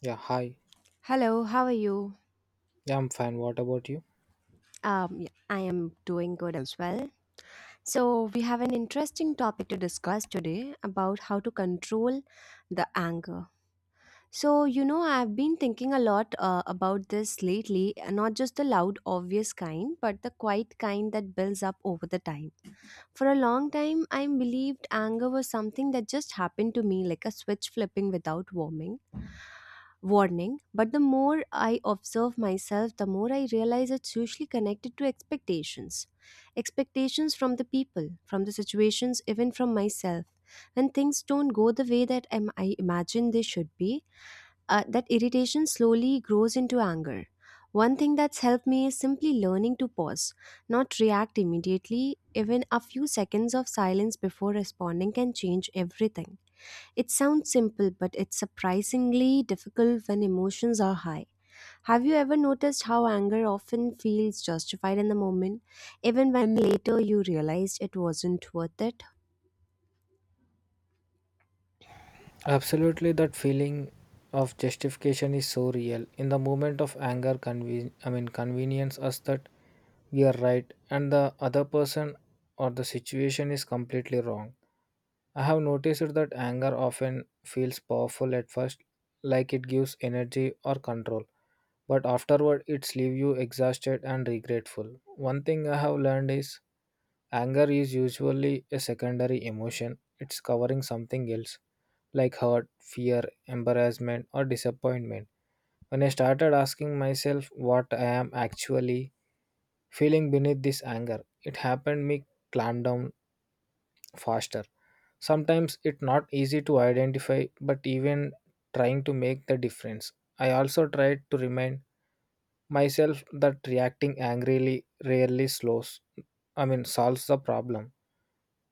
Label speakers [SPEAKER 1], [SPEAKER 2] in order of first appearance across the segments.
[SPEAKER 1] Yeah, hi.
[SPEAKER 2] Hello, how are you?
[SPEAKER 1] Yeah, I'm fine. What about you?
[SPEAKER 2] Yeah, I am doing good as well. So, we have an interesting topic to discuss today about how to control the anger. So, I've been thinking a lot about this lately, and not just the loud, obvious kind, but the quiet kind that builds up over the time. For a long time, I believed anger was something that just happened to me, like a switch flipping without warming warning, but the more I observe myself, the more I realize it's usually connected to expectations. Expectations from the people, from the situations, even from myself. When things don't go the way that I imagine they should be, that irritation slowly grows into anger. One thing that's helped me is simply learning to pause, not react immediately. Even a few seconds of silence before responding can change everything. It sounds simple, but it's surprisingly difficult when emotions are high. Have you ever noticed how anger often feels justified in the moment, even when later you realized it wasn't worth it?
[SPEAKER 1] Absolutely, that feeling of justification is so real. In the moment of anger, I mean, convenience us that we are right and the other person or the situation is completely wrong. I have noticed that anger often feels powerful at first, like it gives energy or control, but afterward it's leave you exhausted and regretful. One thing I have learned is anger is usually a secondary emotion, it's covering something else like hurt, fear, embarrassment, or disappointment. When I started asking myself what I am actually feeling beneath this anger, it happened me clamp down faster. Sometimes it's not easy to identify, but even trying to make the difference. I also tried to remind myself that reacting angrily rarely I mean, solves the problem.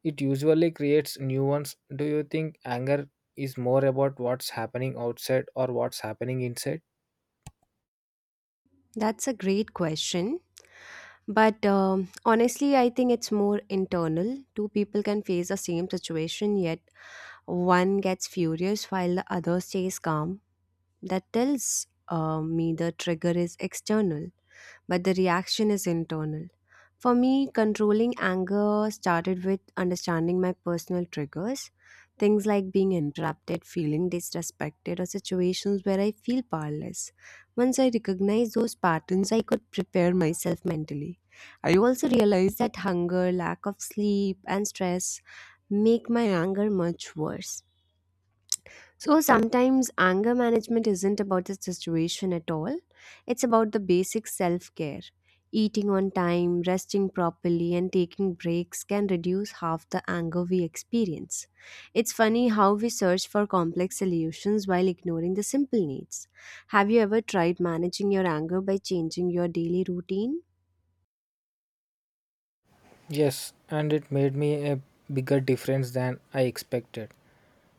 [SPEAKER 1] It usually creates new ones. Do you think anger is more about what's happening outside or what's happening inside?
[SPEAKER 2] That's a great question. But honestly, I think it's more internal. Two people can face the same situation, yet one gets furious while the other stays calm. That tells me the trigger is external, but the reaction is internal. For me, controlling anger started with understanding my personal triggers, things like being interrupted, feeling disrespected, or situations where I feel powerless. Once I recognized those patterns, I could prepare myself mentally. I also realized that hunger, lack of sleep, and stress make my anger much worse, so sometimes anger management isn't about the situation at all. It's about the basic self care. Eating on time, resting properly, and taking breaks can reduce half the anger we experience. It's funny how we search for complex solutions while ignoring the simple needs. Have you ever tried managing your anger by changing your daily routine?
[SPEAKER 1] Yes, and it made me a bigger difference than I expected.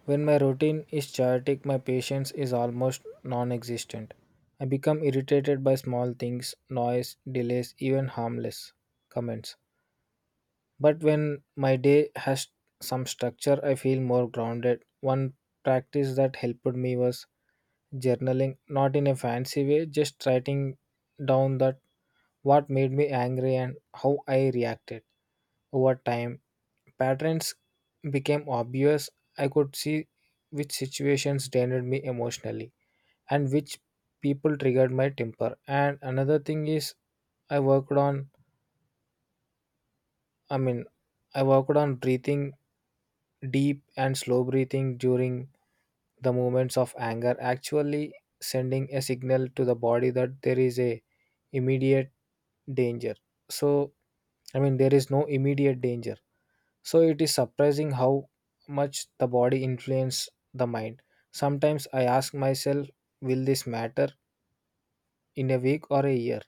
[SPEAKER 1] When my routine is chaotic, my patience is almost non existent. I become irritated by small things, noise, delays, even harmless comments. But when my day has some structure, I feel more grounded. One practice that helped me was journaling, not in a fancy way, just writing down that what made me angry and how I reacted. Over time, patterns became obvious. I could see which situations drained me emotionally and which people triggered my temper. And another thing is, i worked on I mean, I worked on breathing. Deep and slow breathing during the moments of anger actually sending a signal to the body that there is a immediate danger. So I mean, there is no immediate danger, so it is surprising how much the body influence the mind. Sometimes I ask myself, will this matter in a week or a year?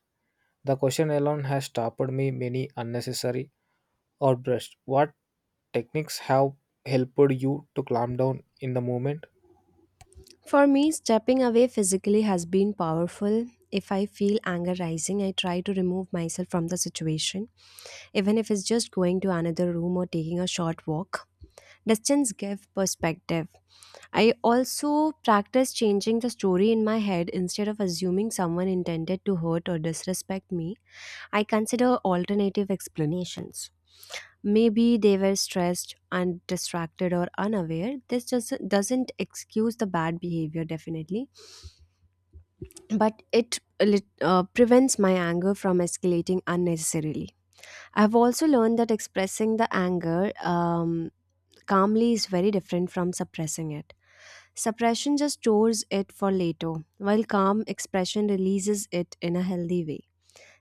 [SPEAKER 1] The question alone has stopped me many unnecessary outbursts. What techniques have helped you to calm down in the moment?
[SPEAKER 2] For me, stepping away physically has been powerful. If I feel anger rising, I try to remove myself from the situation, even if it's just going to another room or taking a short walk. Distance gives perspective. I also practice changing the story in my head instead of assuming someone intended to hurt or disrespect me. I consider alternative explanations. Maybe they were stressed and distracted or unaware. This just doesn't excuse the bad behavior, definitely, but it prevents my anger from escalating unnecessarily. I've also learned that expressing the anger calmly is very different from suppressing it. Suppression just stores it for later, while calm expression releases it in a healthy way.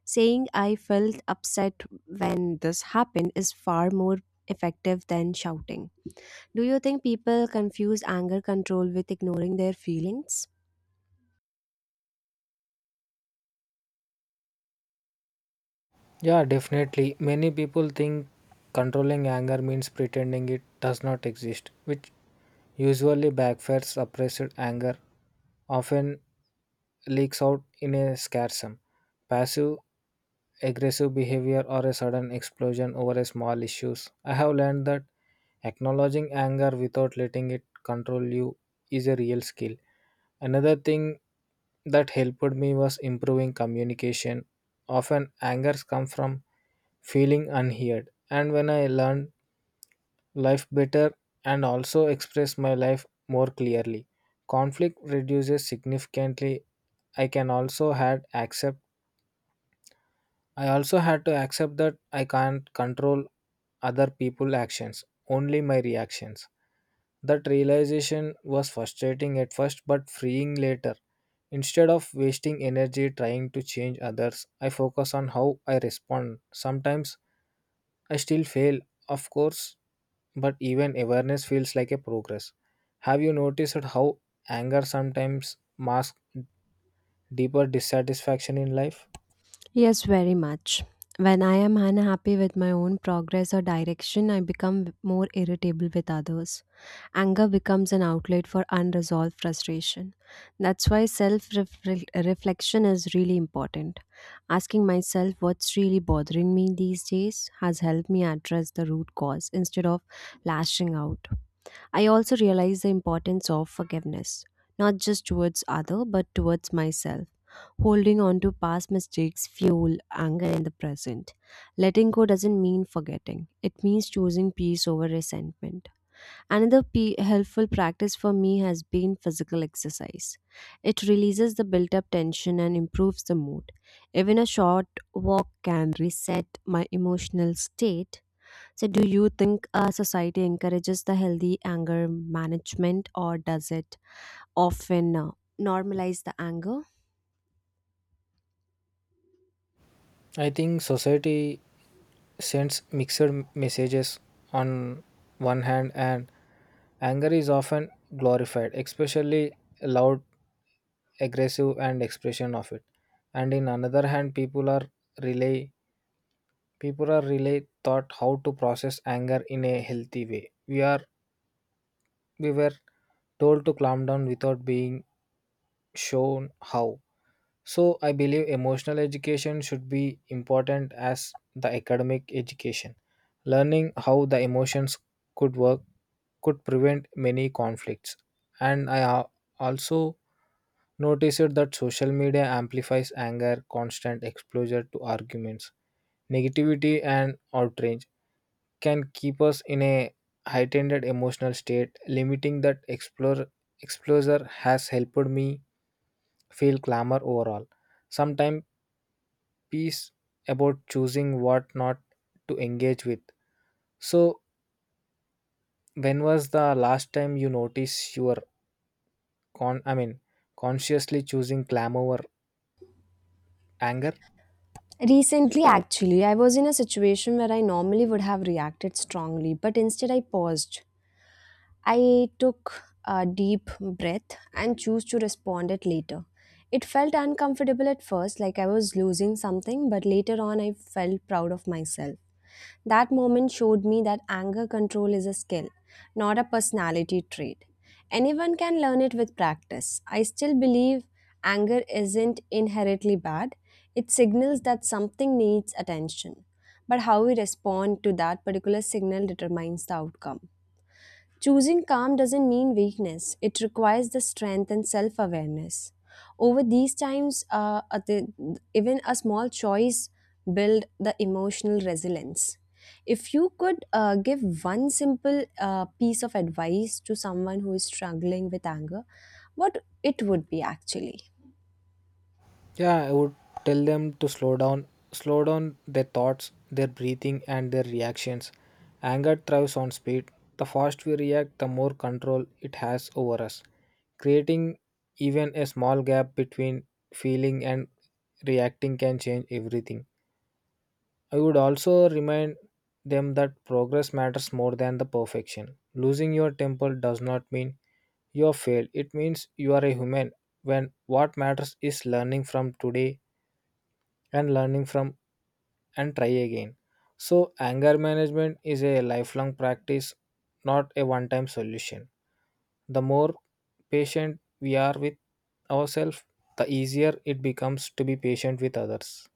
[SPEAKER 2] Saying I felt upset when this happened is far more effective than shouting. Do you think people confuse anger control with ignoring their feelings?
[SPEAKER 1] Yeah, definitely. Many people think controlling anger means pretending it does not exist, which usually backfires. Suppressed anger often leaks out in a scarsome, passive aggressive behavior or a sudden explosion over a small issues. I have learned that acknowledging anger without letting it control you is a real skill. Another thing that helped me was improving communication. Often angers come from feeling unheard. And when I learned life better and also express my life more clearly, conflict reduces significantly. I can also had accept I also had to accept that I can't control other people's actions, only my reactions. That realization was frustrating at first but freeing later. Instead of wasting energy trying to change others, I focus on how I respond. Sometimes I still fail, of course, but even awareness feels like a progress. Have you noticed how anger sometimes masks deeper dissatisfaction in life?
[SPEAKER 2] Yes, very much. When I am unhappy with my own progress or direction, I become more irritable with others. Anger becomes an outlet for unresolved frustration. That's why self reflection is really important. Asking myself what's really bothering me these days has helped me address the root cause instead of lashing out. I also realized the importance of forgiveness, not just towards other but towards myself. Holding on to past mistakes fuel anger in the present. Letting go doesn't mean forgetting. It means choosing peace over resentment. Another helpful practice for me has been physical exercise. It releases the built-up tension and improves the mood. Even a short walk can reset my emotional state. So, do you think society encourages the healthy anger management, or does it often normalize the anger?
[SPEAKER 1] I think society sends mixed messages. On one hand, and anger is often glorified, especially loud aggressive and expression of it, and in another hand people are relay people are really taught how to process anger in a healthy way. We are we were told to calm down without being shown how. So I believe emotional education should be important as the academic education. Learning how the emotions could work could prevent many conflicts. And I also noticed that social media amplifies anger, constant exposure to arguments, negativity, and outrage can keep us in a heightened emotional state. Limiting that exposure has helped me feel calmer overall. Sometimes peace about choosing what not to engage with. So, when was the last time you noticed your con I mean, consciously choosing clam over anger?
[SPEAKER 2] Recently, actually, I was in a situation where I normally would have reacted strongly, but instead I paused. I took a deep breath and chose to respond it later. It felt uncomfortable at first, like I was losing something, but later on I felt proud of myself. That moment showed me that anger control is a skill, not a personality trait. Anyone can learn it with practice. I still believe anger isn't inherently bad, it signals that something needs attention. But how we respond to that particular signal determines the outcome. Choosing calm doesn't mean weakness, it requires the strength and self awareness. Over these times, even a small choice build the emotional resilience. If you could give one simple piece of advice to someone who is struggling with anger, what it would be actually?
[SPEAKER 1] Yeah, I would tell them to slow down. Slow down their thoughts, their breathing and their reactions. Anger thrives on speed. The faster we react, the more control it has over us. Creating even a small gap between feeling and reacting can change everything. I would also remind them that progress matters more than the perfection. Losing your temper does not mean you have failed, it means you are a human. When what matters is learning from today and learning from and try again. So, anger management is a lifelong practice, not a one time solution. The more patient we are with ourselves, the easier it becomes to be patient with others.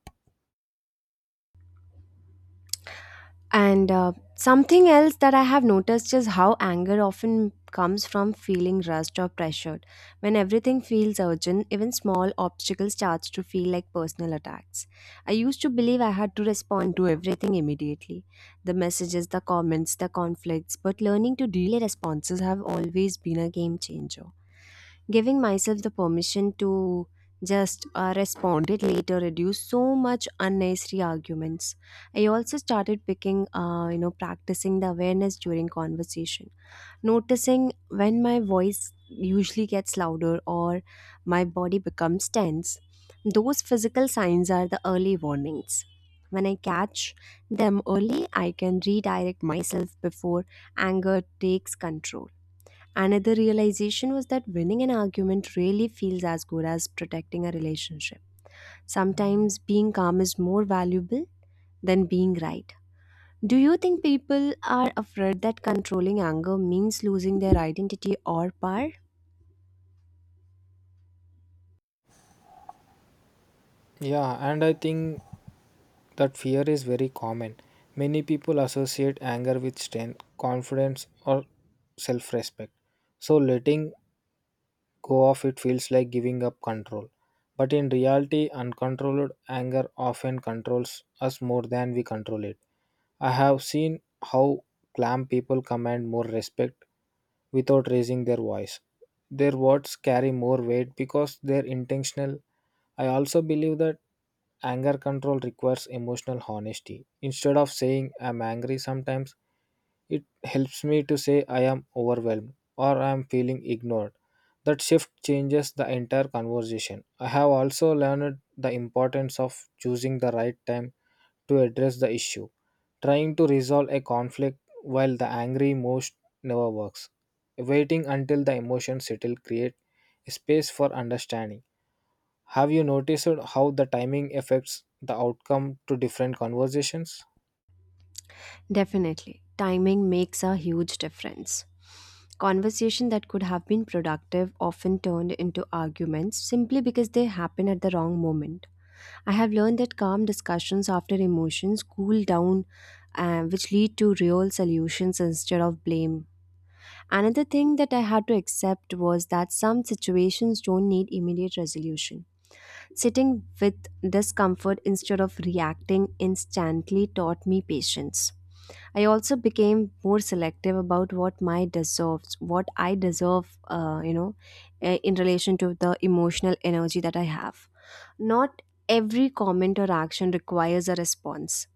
[SPEAKER 2] And something else that I have noticed is how anger often comes from feeling rushed or pressured. When everything feels urgent, even small obstacles starts to feel like personal attacks. I used to believe I had to respond to everything immediately. The messages, the comments, the conflicts, but learning to delay responses have always been a game changer. Giving myself the permission to just respond it later reduced so much unnecessary arguments. I also started picking you know practicing the awareness during conversation, noticing when my voice usually gets louder or my body becomes tense. Those physical signs are the early warnings. When I catch them early, I can redirect myself before anger takes control. Another realization was that winning an argument really feels as good as protecting a relationship. Sometimes being calm is more valuable than being right. Do you think people are afraid that controlling anger means losing their identity or power?
[SPEAKER 1] Yeah, and I think that fear is very common. Many people associate anger with strength, confidence, or self respect. So, letting go off, it feels like giving up control. But in reality, uncontrolled anger often controls us more than we control it. I have seen how calm people command more respect without raising their voice. Their words carry more weight because they're intentional. I also believe that anger control requires emotional honesty. Instead of saying I'm angry sometimes, it helps me to say I am overwhelmed or I am feeling ignored. That shift changes the entire conversation. I have also learned the importance of choosing the right time to address the issue. Trying to resolve a conflict while the angry most never works. Waiting until the emotions settle create a space for understanding. Have you noticed how the timing affects the outcome to different conversations?
[SPEAKER 2] Definitely. Timing makes a huge difference. Conversation that could have been productive often turned into arguments simply because they happen at the wrong moment. I have learned that calm discussions after emotions cool down, which lead to real solutions instead of blame. Another thing that I had to accept was that some situations don't need immediate resolution. Sitting with discomfort instead of reacting instantly taught me patience. I also became more selective about what I deserve, in relation to the emotional energy that I have. Not every comment or action requires a response.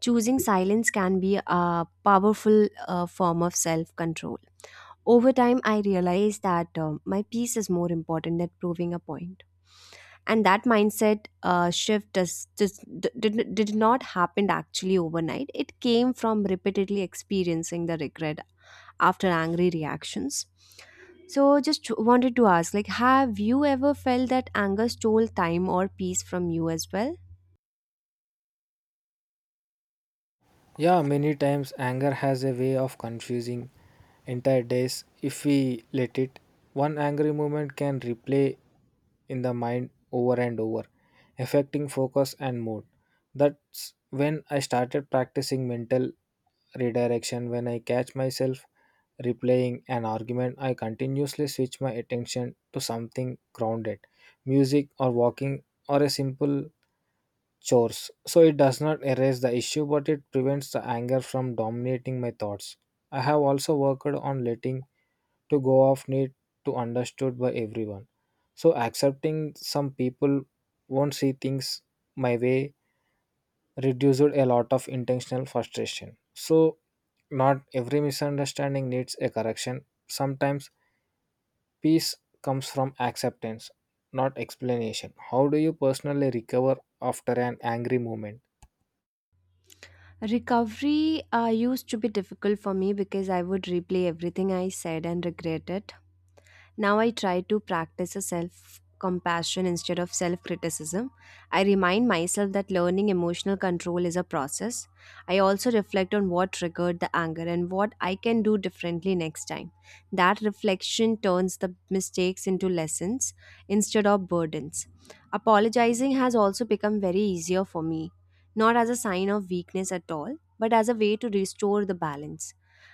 [SPEAKER 2] Choosing silence can be a powerful form of self control. Over time, I realized that my peace is more important than proving a point, and that mindset shift did not happen actually overnight. It came from repeatedly experiencing the regret after angry reactions. So, just wanted to ask, like, have you ever felt that anger stole time or peace from you as well?
[SPEAKER 1] Yeah, many times anger has a way of confusing entire days if we let it. One angry moment can replay in the mind over and over, affecting focus and mood. That's when I started practicing mental redirection. When I catch myself replaying an argument, I continuously switch my attention to something grounded, music, or walking, or a simple chores. So it does not erase the issue, but it prevents the anger from dominating my thoughts. I have also worked on letting to go of need to understood by everyone. So accepting some people won't see things my way reduced a lot of intentional frustration. So not every misunderstanding needs a correction. Sometimes peace comes from acceptance, not explanation. How do you personally recover after an angry moment?
[SPEAKER 2] Recovery used to be difficult for me because I would replay everything I said and regret it. Now I try to practice a self compassion instead of self criticism. I remind myself that learning emotional control is a process. I also reflect on what triggered the anger and what I can do differently next time. That reflection turns the mistakes into lessons instead of burdens. Apologizing has also become very easier for me, not as a sign of weakness at all, but as a way to restore the balance.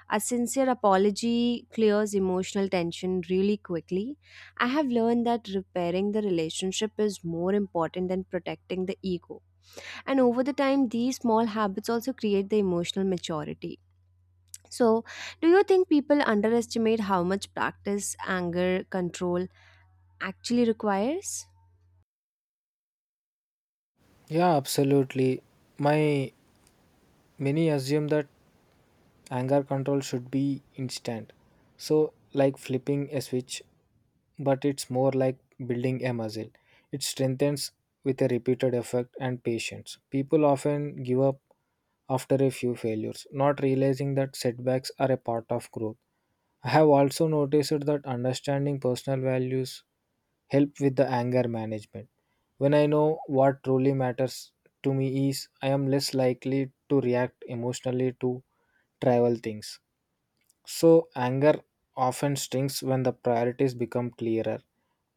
[SPEAKER 2] A sincere apology clears emotional tension really quickly. I have learned that repairing the relationship is more important than protecting the ego. And over the time, these small habits also create the emotional maturity. So, do you think people underestimate how much practice anger control actually requires?
[SPEAKER 1] Yeah, absolutely. My Many assume that anger control should be instant. So, like flipping a switch, but it's more like building a muscle. It strengthens with a repeated effort and patience. People often give up after a few failures, not realizing that setbacks are a part of growth. I have also noticed that understanding personal values help with the anger management. When I know what truly matters to me is I am less likely to react emotionally to trivial things. So anger often stings when the priorities become clearer.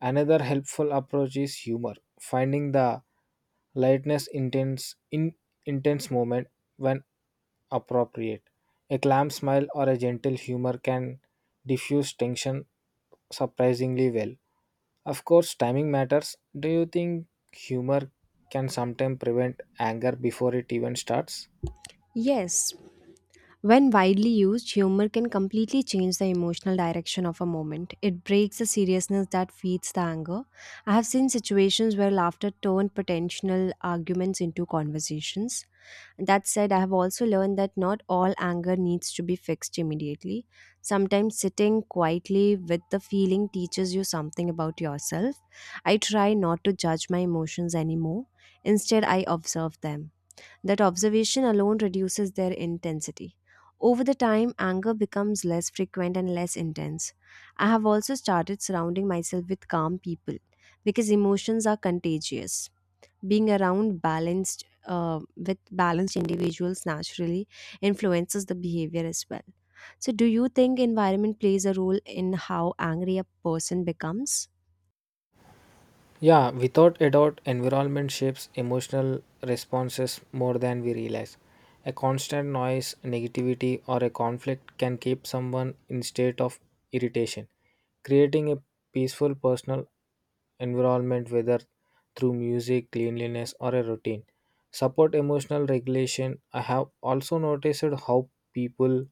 [SPEAKER 1] Another helpful approach is humor, finding the lightness intense moment when appropriate. A calm smile or a gentle humor can diffuse tension surprisingly well. Of course, timing matters. Do you think humor can sometimes prevent anger before it even starts?
[SPEAKER 2] Yes. When widely used, humor can completely change the emotional direction of a moment. It breaks the seriousness that feeds the anger. I have seen situations where laughter turned potential arguments into conversations. That said, I have also learned that not all anger needs to be fixed immediately. Sometimes sitting quietly with the feeling teaches you something about yourself. I try not to judge my emotions anymore. Instead, I observe them. That observation alone reduces their intensity. Over the time, anger becomes less frequent and less intense. I have also started surrounding myself with calm people because emotions are contagious. Being around balanced with balanced individuals naturally influences the behavior as well. So, do you think environment plays a role in how angry a person becomes?
[SPEAKER 1] Yeah, without a doubt, environment shapes emotional responses more than we realize. A constant noise, negativity, or a conflict can keep someone in state of irritation. Creating a peaceful personal environment, whether through music, cleanliness, or a routine, support emotional regulation. I have also noticed how people,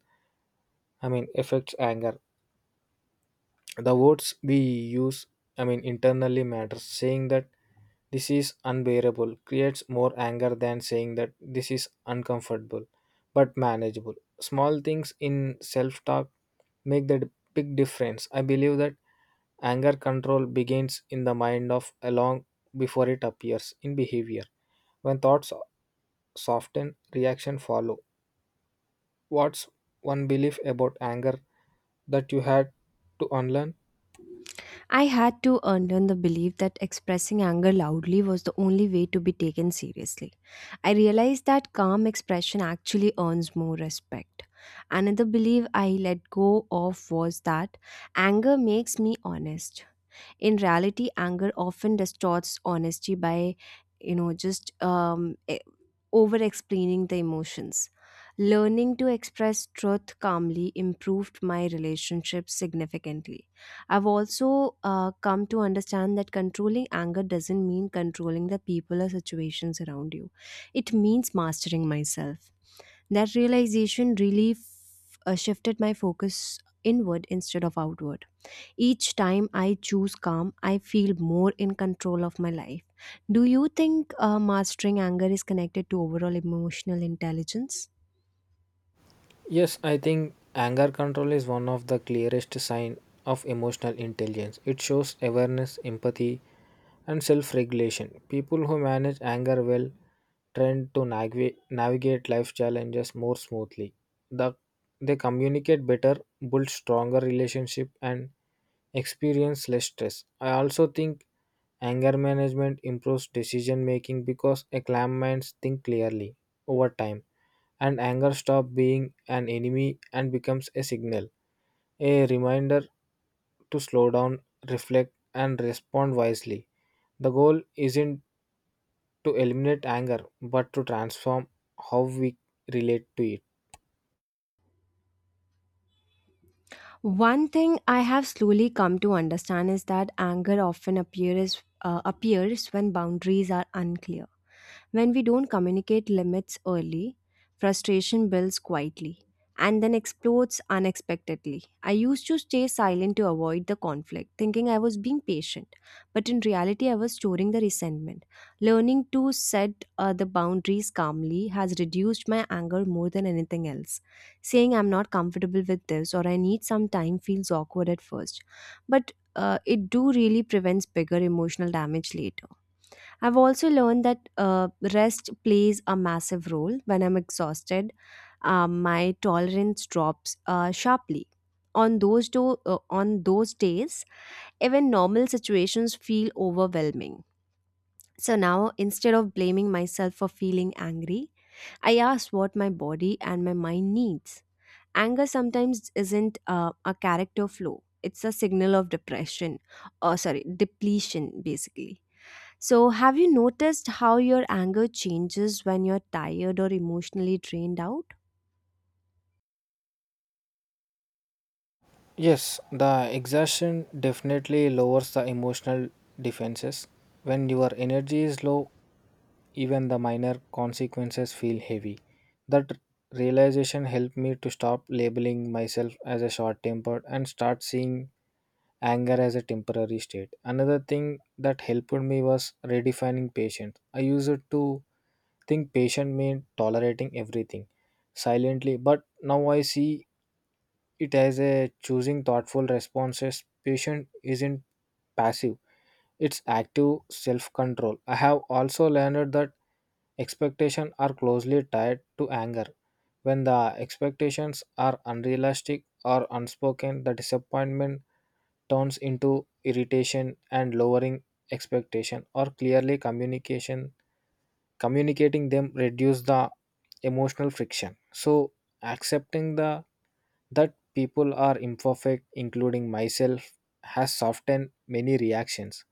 [SPEAKER 1] I mean, affects anger. The words we use, I mean internally matters. Saying that this is unbearable creates more anger than saying that this is uncomfortable but manageable. Small things in self talk make the big difference. I believe that anger control begins in the mind of a long before it appears in behavior. When thoughts soften, reaction follow. What's one belief about anger that you had to unlearn?
[SPEAKER 2] I had to unlearn the belief that expressing anger loudly was the only way to be taken seriously. I realized that calm expression actually earns more respect. Another belief I let go of was that anger makes me honest. In reality, anger often distorts honesty by you know just over explaining the emotions. Learning to express truth calmly improved my relationship significantly. I've also come to understand that controlling anger doesn't mean controlling the people or situations around you, it means mastering myself. That realization really shifted my focus inward instead of outward. Each time I choose calm, I feel more in control of my life. Do you think mastering anger is connected to overall emotional intelligence?
[SPEAKER 1] Yes, I think anger control is one of the clearest sign of emotional intelligence. It shows awareness, empathy, and self-regulation. People who manage anger well tend to navigate life challenges more smoothly. The, they communicate better, build stronger relationship, and experience less stress. I also think anger management improves decision making because a calm minds think clearly over time, and anger stops being an enemy and becomes a signal, a reminder to slow down, reflect, and respond wisely. The goal isn't to eliminate anger but to transform how we relate to it.
[SPEAKER 2] One thing I have slowly come to understand is that anger often appears when boundaries are unclear. When we don't communicate limits early, frustration builds quietly and then explodes unexpectedly. I used to stay silent to avoid the conflict, thinking I was being patient, but in reality, I was storing the resentment. Learning to set the boundaries calmly has reduced my anger more than anything else. Saying I'm not comfortable with this or I need some time feels awkward at first, but it do really prevents bigger emotional damage later. I've also learned that rest plays a massive role. When I'm exhausted, my tolerance drops sharply. On those days, even normal situations feel overwhelming. So now, instead of blaming myself for feeling angry, I ask what my body and my mind needs. Anger sometimes isn't a character flaw; it's a signal of depression, or sorry, depletion, basically. So, have you noticed how your anger changes when you're tired or emotionally drained out?
[SPEAKER 1] Yes, the exhaustion definitely lowers the emotional defenses. When your energy is low, even the minor consequences feel heavy. That realization helped me to stop labeling myself as a short tempered and start seeing anger as a temporary state. Another thing that helped me was redefining patience. I used to think patient meant tolerating everything silently, but now I see it as a choosing thoughtful responses. Patient isn't passive, it's active self control. I have also learned that expectations are closely tied to anger. When the expectations are unrealistic or unspoken, the disappointment turns into irritation, and lowering expectation or clearly communication communicating them reduce the emotional friction. So accepting the that people are imperfect including myself has softened many reactions.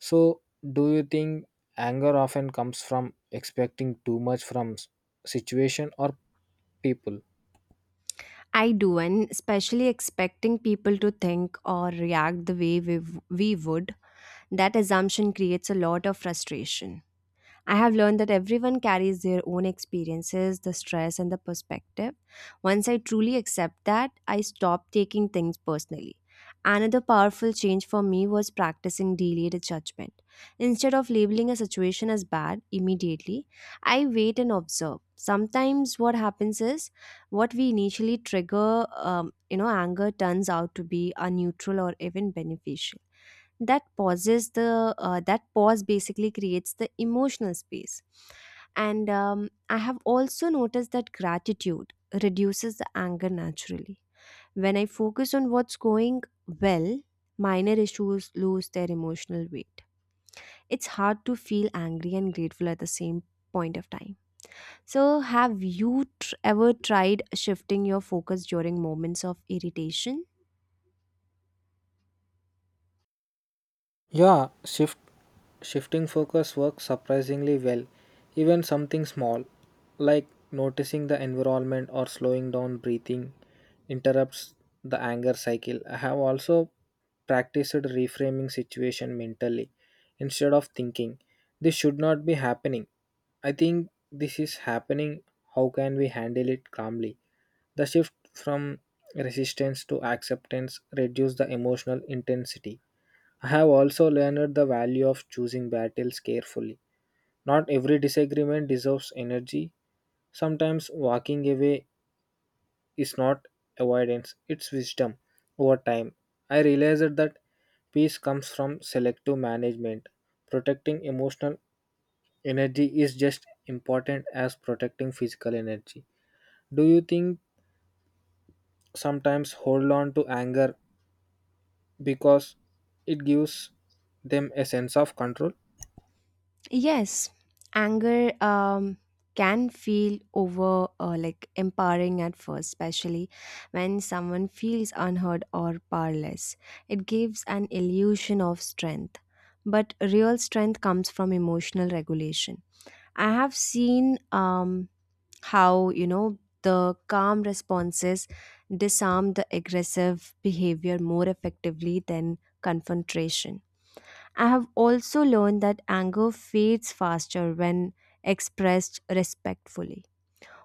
[SPEAKER 1] So, do you think anger often comes from expecting too much from situation or people?
[SPEAKER 2] I do, and especially expecting people to think or react the way we would, that assumption creates a lot of frustration. I have learned that everyone carries their own experiences, the stress, and the perspective. Once I truly accept that, I stop taking things personally. Another powerful change for me was practicing delayed judgment. Instead of labeling a situation as bad immediately, I wait and observe. Sometimes what happens is what we initially trigger, anger turns out to be a neutral or even beneficial that pauses the that pause basically creates the emotional space. And I have also noticed that gratitude reduces the anger naturally. When I focus on what's going well, minor issues lose their emotional weight. It's hard to feel angry and grateful at the same point of time. So, have you ever tried shifting your focus during moments of irritation?
[SPEAKER 1] Yeah, shifting focus works surprisingly well. Even something small like noticing the environment or slowing down breathing interrupts the anger cycle. I have also practiced reframing situation mentally instead of thinking this should not be happening. I think this is happening. How can we handle it calmly? The shift from resistance to acceptance reduce the emotional intensity. I have also learned the value of choosing battles carefully. Not every disagreement deserves energy. Sometimes walking away is not avoidance, it's wisdom. Over time, I realized that peace comes from selective management. Protecting emotional energy is just important as protecting physical energy. Do you think sometimes hold on to anger because it gives them a sense of control?
[SPEAKER 2] Yes, anger can feel over like empowering at first, especially when someone feels unheard or powerless. It gives an illusion of strength, but real strength comes from emotional regulation. I have seen how the calm responses disarm the aggressive behavior more effectively than confrontation. I have also learned that anger fades faster when expressed respectfully.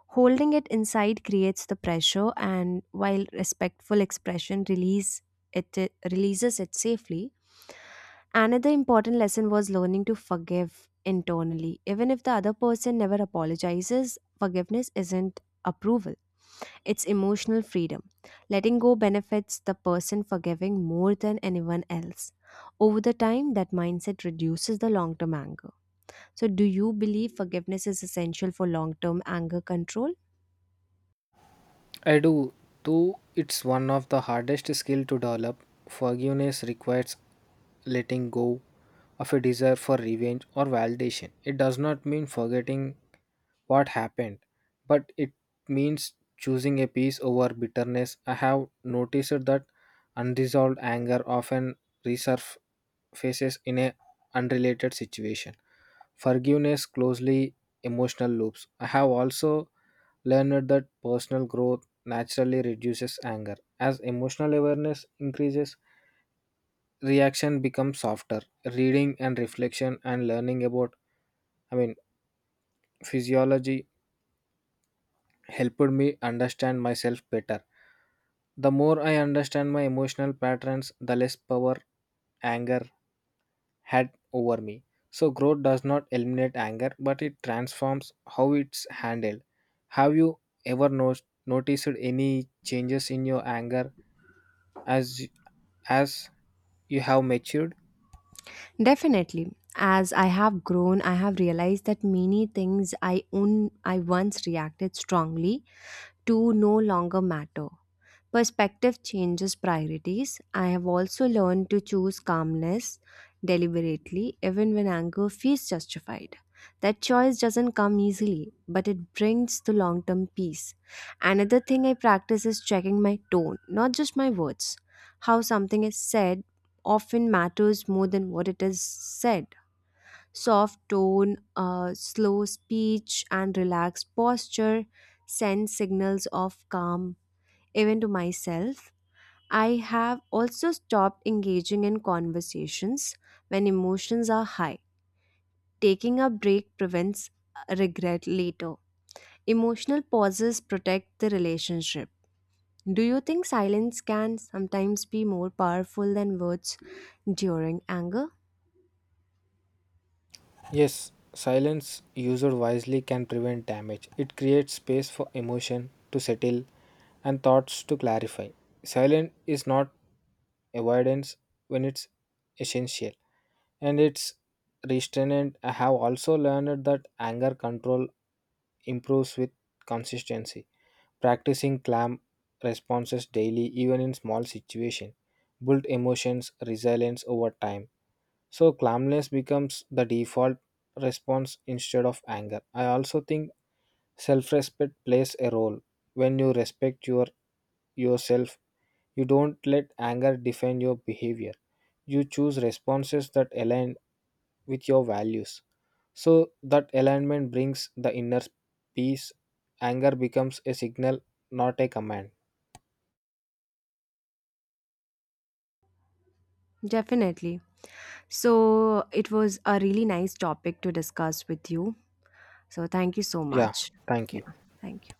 [SPEAKER 2] Holding it inside creates the pressure, and while respectful expression it releases it safely. Another important lesson was learning to forgive internally. Even if the other person never apologizes, forgiveness isn't approval, it's emotional freedom. Letting go benefits the person forgiving more than anyone else. Over the time, that mindset reduces the long term anger. So, do you believe forgiveness is essential for long term anger control?
[SPEAKER 1] I do, though it's one of the hardest skill to develop. Forgiveness requires letting go of a desire for revenge or validation. It does not mean forgetting what happened, but it means choosing a peace over bitterness. I have noticed that unresolved anger often resurfaces in a unrelated situation. Forgiveness closely emotional loops. I have also learned that personal growth naturally reduces anger. As emotional awareness increases, reaction becomes softer. Reading and reflection and learning about, I mean, physiology helped me understand myself better. The more I understand my emotional patterns, the less power anger had over me. So, growth does not eliminate anger, but it transforms how it's handled. Have you ever noticed any changes in your anger as as you have matured?
[SPEAKER 2] Definitely. As I have grown, I have realized that many things I own I once reacted strongly to no longer matter. Perspective changes priorities. I have also learned to choose calmness deliberately, even when anger feels justified. That choice doesn't come easily, but it brings the long term peace. Another thing I practice is checking my tone, not just my words. How something is said often matters more than what it is said. Soft tone, slow speech, and relaxed posture send signals of calm even to myself. I have also stopped engaging in conversations when emotions are high. Taking a break prevents regret later. Emotional pauses protect the relationship. Do you think silence can sometimes be more powerful than words during anger?
[SPEAKER 1] Yes, silence used wisely can prevent damage. It creates space for emotion to settle and thoughts to clarify. Silence is not avoidance when it's essential. And its restraint. I have also learned that anger control improves with consistency. Practicing calm responses daily, even in small situations, build emotions resilience over time. So calmness becomes the default response instead of anger. I also think self respect plays a role. When you respect your yourself, you don't let anger define your behavior. You choose responses that align with your values. So that alignment brings the inner peace. Anger becomes a signal, not a command.
[SPEAKER 2] Definitely. So, it was a really nice topic to discuss with you. So, thank you so
[SPEAKER 1] Yeah,
[SPEAKER 2] much.
[SPEAKER 1] thank
[SPEAKER 2] Yeah,
[SPEAKER 1] you.
[SPEAKER 2] thank you.